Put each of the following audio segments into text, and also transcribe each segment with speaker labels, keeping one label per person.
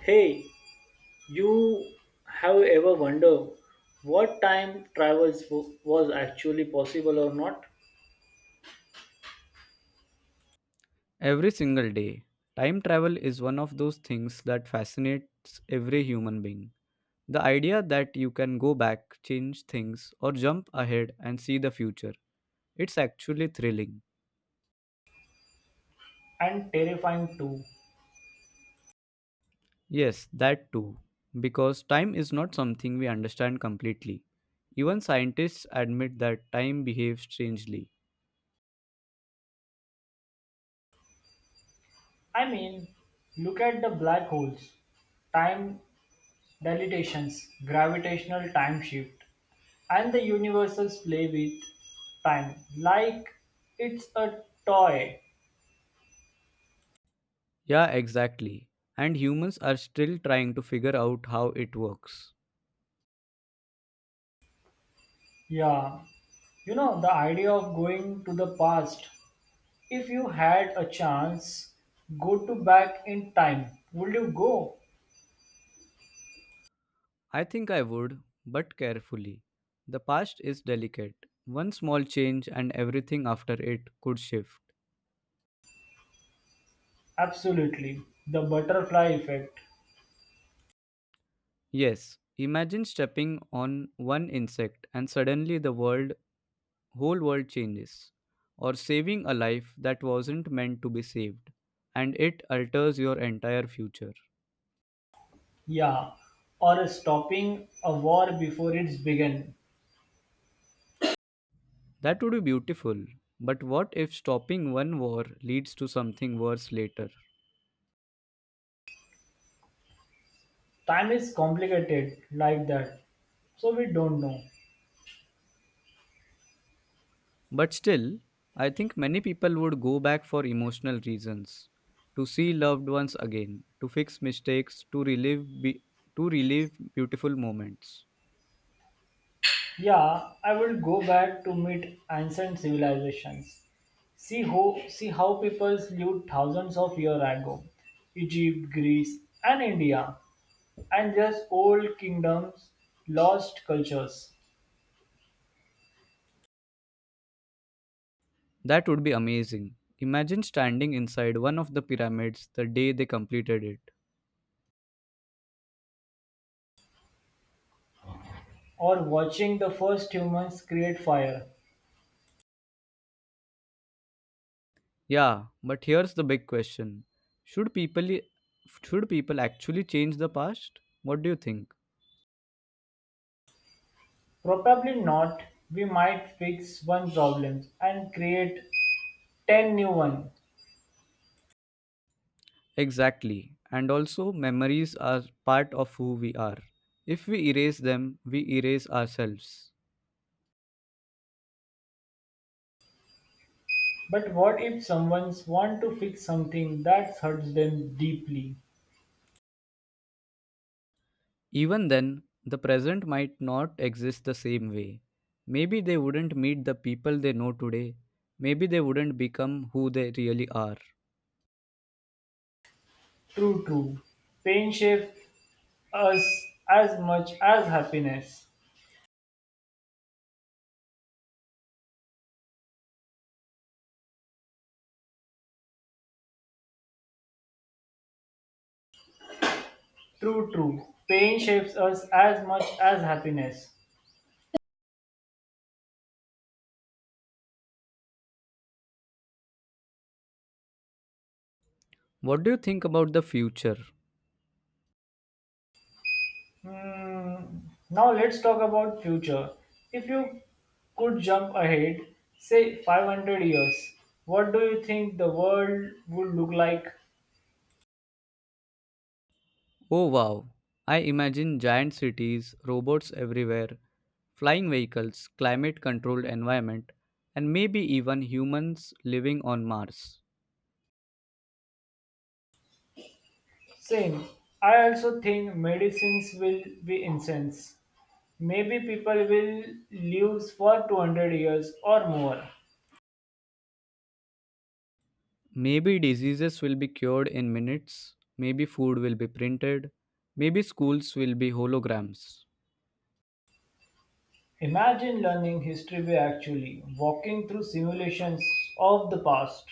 Speaker 1: Hey, you have ever wondered what time travel was actually possible or not?
Speaker 2: Every single day, time travel is one of those things that fascinates every human being. The idea that you can go back, change things, or jump ahead and see the future. It's actually thrilling.
Speaker 1: And terrifying too.
Speaker 2: Yes, that too. Because time is not something we understand completely. Even scientists admit that time behaves strangely.
Speaker 1: I mean, look at the black holes, time dilatations, gravitational time shift, and the universes play with time like it's a toy.
Speaker 2: Yeah, exactly. And humans are still trying to figure out how it works.
Speaker 1: Yeah, the idea of going to the past, if you had a chance, go to back in time, would you go?
Speaker 2: I think I would, but carefully. The past is delicate. One small change and everything after it could shift.
Speaker 1: Absolutely. The butterfly effect.
Speaker 2: Yes, imagine stepping on one insect and suddenly the world whole world changes, or saving a life that wasn't meant to be saved, and it alters your entire future.
Speaker 1: Yeah. Or stopping a war before it's begun.
Speaker 2: That would be beautiful. But what if stopping one war leads to something worse later?
Speaker 1: Time is complicated like that. So we don't know.
Speaker 2: But still, I think many people would go back for emotional reasons, to see loved ones again, to fix mistakes, to to relive beautiful moments.
Speaker 1: Yeah, I will go back to meet ancient civilizations. See how peoples lived thousands of years ago. Egypt, Greece, and India, and just old kingdoms, lost cultures,
Speaker 2: That would be amazing. Imagine standing inside one of the pyramids the day they completed it.
Speaker 1: or watching the first humans create fire.
Speaker 2: Yeah, but here's the big question. Should people should people actually change the past? What do you think?
Speaker 1: Probably not. We might fix one problem and create 10 new ones.
Speaker 2: Exactly. And also, memories are part of who we are. If we erase them, we erase ourselves.
Speaker 1: But what if someone's want to fix something that hurts them deeply?
Speaker 2: Even then, the present might not exist the same way. Maybe they wouldn't meet the people they know today. Maybe they wouldn't become who they really are.
Speaker 1: True, true. Pain shapes us as much as happiness. True, true. Pain shapes us as much as happiness.
Speaker 2: What do you think about the future?
Speaker 1: Hmm. Now let's talk about future. If you could jump ahead, say 500 years, what do you think the world would look like?
Speaker 2: Oh wow, I imagine giant cities, robots everywhere, flying vehicles, climate controlled environment, and maybe even humans living on Mars.
Speaker 1: Same. I also think medicines will be incense. Maybe people will live for 200 years or more.
Speaker 2: Maybe diseases will be cured in minutes, maybe food will be printed, maybe schools will be holograms.
Speaker 1: Imagine learning history by actually walking through simulations of the past,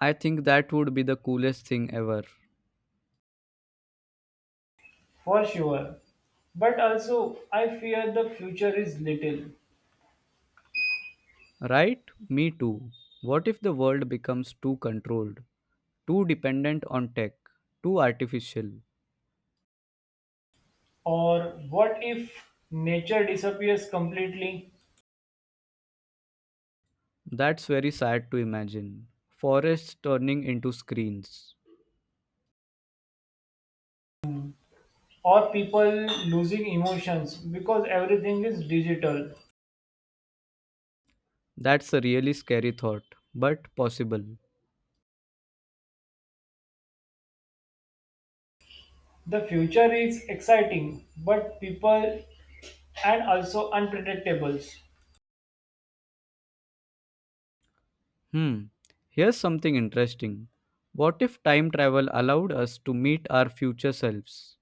Speaker 2: I think that would be the coolest thing ever.
Speaker 1: for sure. But also, I fear the future is little.
Speaker 2: Right? Me too. What if the world becomes too controlled, too dependent on tech, too artificial?
Speaker 1: Or what if nature disappears completely?
Speaker 2: That's very sad to imagine. Forests turning into screens.
Speaker 1: Or people losing emotions because everything is digital?
Speaker 2: That's a really scary thought, but possible.
Speaker 1: The future is exciting, but people and also unpredictable.
Speaker 2: Hmm. Here's something interesting. What if time travel allowed us to meet our future selves?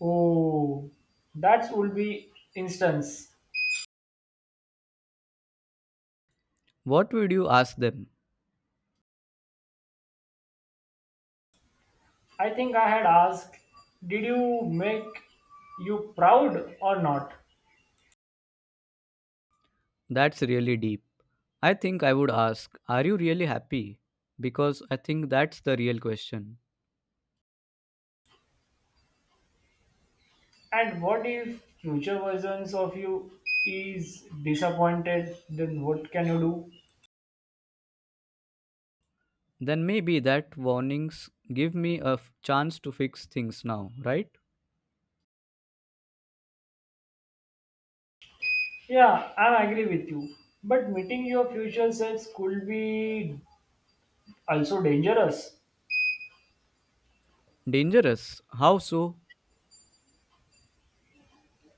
Speaker 1: Oh, that would be instance.
Speaker 2: What would you ask them?
Speaker 1: I think I had asked, did you make you proud or not?
Speaker 2: That's really deep. I think I would ask, are you really happy? Because I think that's the real question.
Speaker 1: And what if future versions of you is disappointed? Then what can you do?
Speaker 2: Then maybe that warnings give me a chance to fix things now, right?
Speaker 1: Yeah, I agree with you. But meeting your future selves could be also dangerous.
Speaker 2: Dangerous. How so?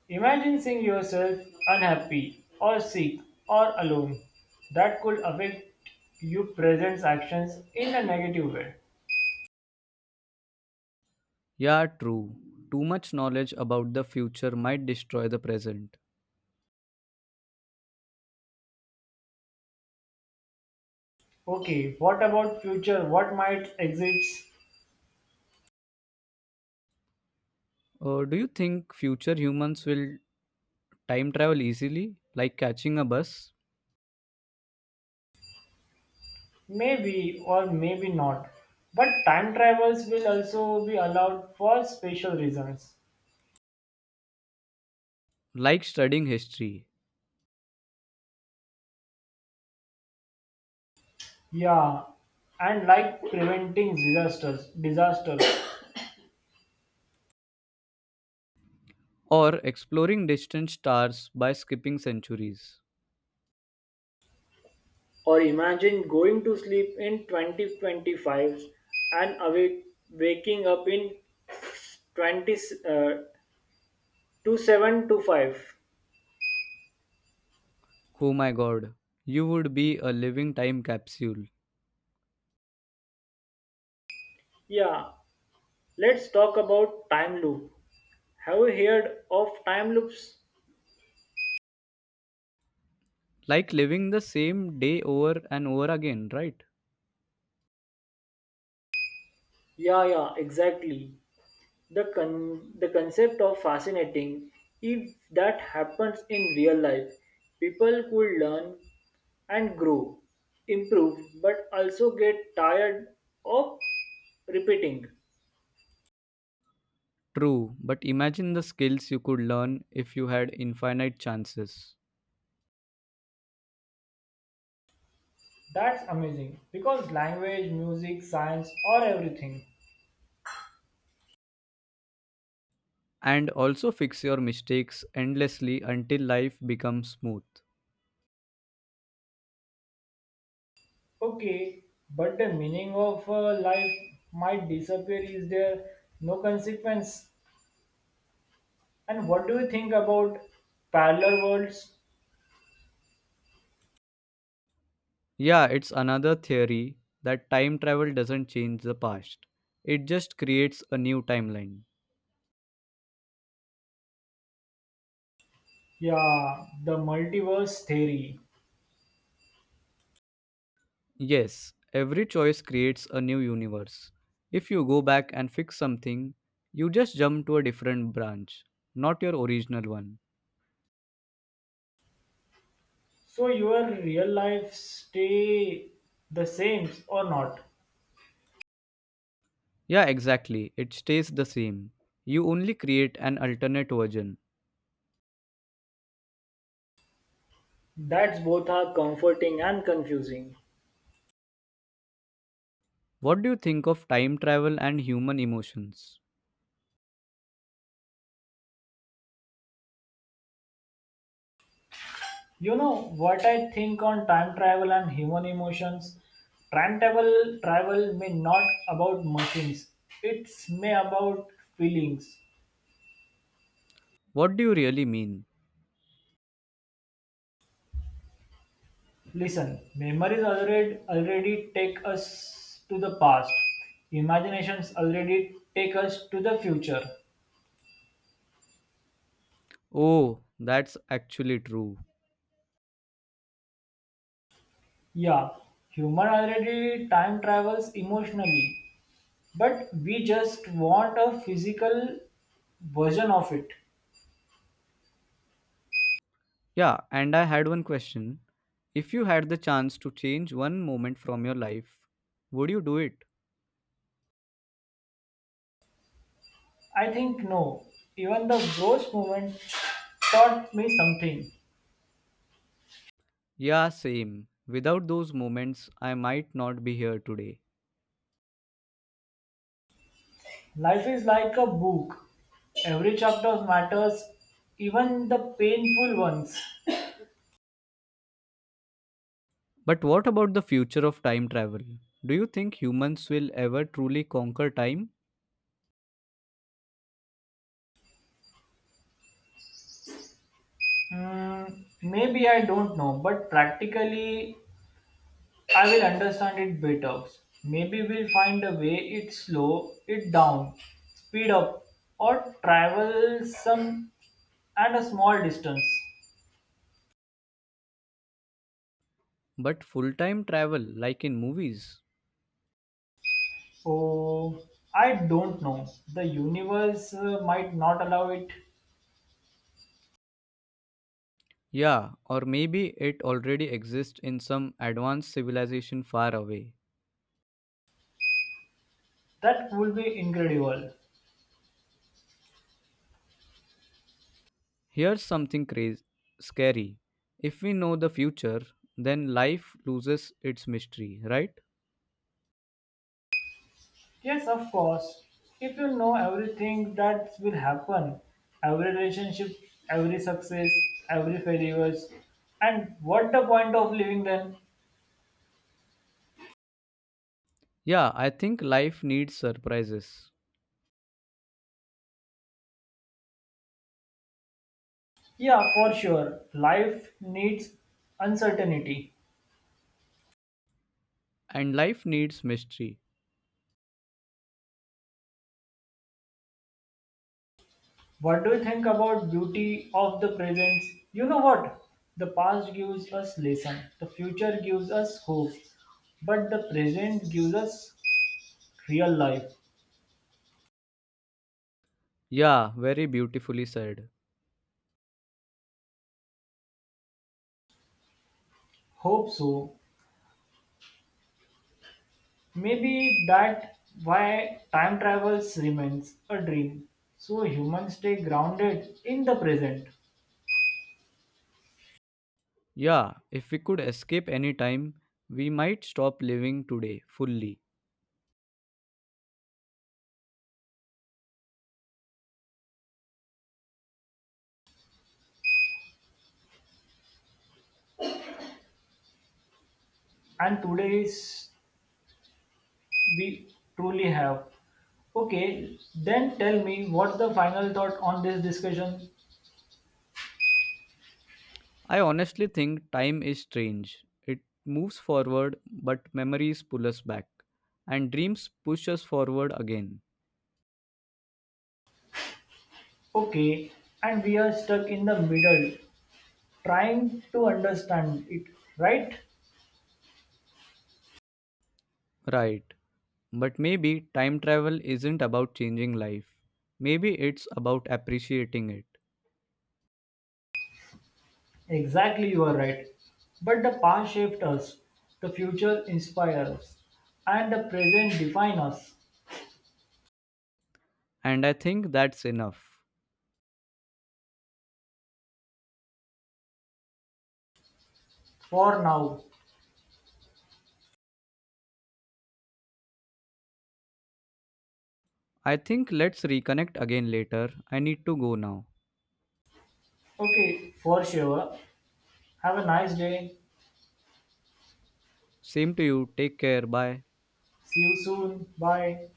Speaker 1: Imagine seeing yourself unhappy or sick or alone. That could affect your present actions in a negative way.
Speaker 2: Yeah, true. Too much knowledge about the future might destroy the present.
Speaker 1: Okay, what about future? What might exist?
Speaker 2: Do you think future humans will time travel easily, like catching a bus,
Speaker 1: Maybe or maybe not. But time travels will also be allowed for special reasons.
Speaker 2: like studying history,
Speaker 1: Yeah, and like preventing disasters. Disasters.
Speaker 2: or exploring distant stars by skipping centuries.
Speaker 1: Or imagine going to sleep in 2025 and awake, waking up in 20, uh, 27 to 5.
Speaker 2: Oh my god, you would be a living time capsule,
Speaker 1: Yeah, let's talk about time loop. Have you heard of time loops?
Speaker 2: like living the same day over and over again, right?
Speaker 1: Yeah, yeah, exactly. The concept of fascinating. If that happens in real life, people could learn and grow, improve, but also get tired of repeating.
Speaker 2: True, but imagine the skills you could learn if you had infinite chances.
Speaker 1: That's amazing because language, music, science, or everything.
Speaker 2: And also fix your mistakes endlessly until life becomes smooth.
Speaker 1: Okay, but the meaning of life might disappear. Is there no consequence? And what do you think about parallel worlds?
Speaker 2: Yeah, it's another theory that time travel doesn't change the past, it just creates a new timeline.
Speaker 1: Yeah, the multiverse theory.
Speaker 2: Yes, every choice creates a new universe. If you go back and fix something, you just jump to a different branch, not your original one.
Speaker 1: So your real life stay the same or not?
Speaker 2: Yeah, exactly, it stays the same. You only create an alternate version.
Speaker 1: That's both are comforting and confusing.
Speaker 2: What do you think of time travel and human emotions?
Speaker 1: You know what I think on time travel and human emotions? Time travel may not about machines. It's may about feelings.
Speaker 2: What do you really mean?
Speaker 1: Listen, memories already take us to the past. Imaginations already take us to the future.
Speaker 2: Oh, that's actually true.
Speaker 1: Yeah, human already time travels emotionally, but we just want a physical version of it.
Speaker 2: Yeah, and I had one question. If you had the chance to change one moment from your life, would you do it?
Speaker 1: I think no. Even the gross moment taught me something.
Speaker 2: Yeah, same. Without those moments, I might not be here today.
Speaker 1: Life is like a book. Every chapter matters, even the painful ones.
Speaker 2: But what about the future of time travel? Do you think humans will ever truly conquer time?
Speaker 1: Hmm, maybe I don't know, but practically I will understand it better. Maybe we'll find a way it slow it down, speed up, or travel some at a small distance.
Speaker 2: But full time travel, like in movies?
Speaker 1: So I don't know. The universe might not allow it.
Speaker 2: Yeah, or maybe it already exists in some advanced civilization far away.
Speaker 1: That would be incredible.
Speaker 2: Here's something crazy, scary. If we know the future, then life loses its mystery, right?
Speaker 1: Yes, of course. If you know everything that will happen, every relationship, every success, every failures, and what the point of living then?
Speaker 2: Yeah, I think life needs surprises.
Speaker 1: Yeah, for sure. Life needs uncertainty.
Speaker 2: And life needs mystery.
Speaker 1: What do you think about beauty of the present? You know what? The past gives us lesson. The future gives us hope. But the present gives us real life.
Speaker 2: Yeah, very beautifully said.
Speaker 1: Hope so. Maybe that why time travels remains a dream. So humans stay grounded in the present
Speaker 2: Yeah, if we could escape any time, we might stop living today fully.
Speaker 1: and today is we truly have. Okay, then tell me what's the final thought on this discussion?
Speaker 2: I honestly think time is strange. It moves forward, but memories pull us back. And dreams push us forward again.
Speaker 1: Okay, and we are stuck in the middle trying to understand it, right?
Speaker 2: Right. But maybe time travel isn't about changing life. Maybe it's about appreciating it.
Speaker 1: Exactly, you are right. But the past shaped us, the future inspires us, and the present defines us.
Speaker 2: And I think that's enough.
Speaker 1: For now,
Speaker 2: I think let's reconnect again later. I need to go now.
Speaker 1: okay, for sure. Have a nice day.
Speaker 2: Same to you. Take care. Bye.
Speaker 1: See you soon. Bye.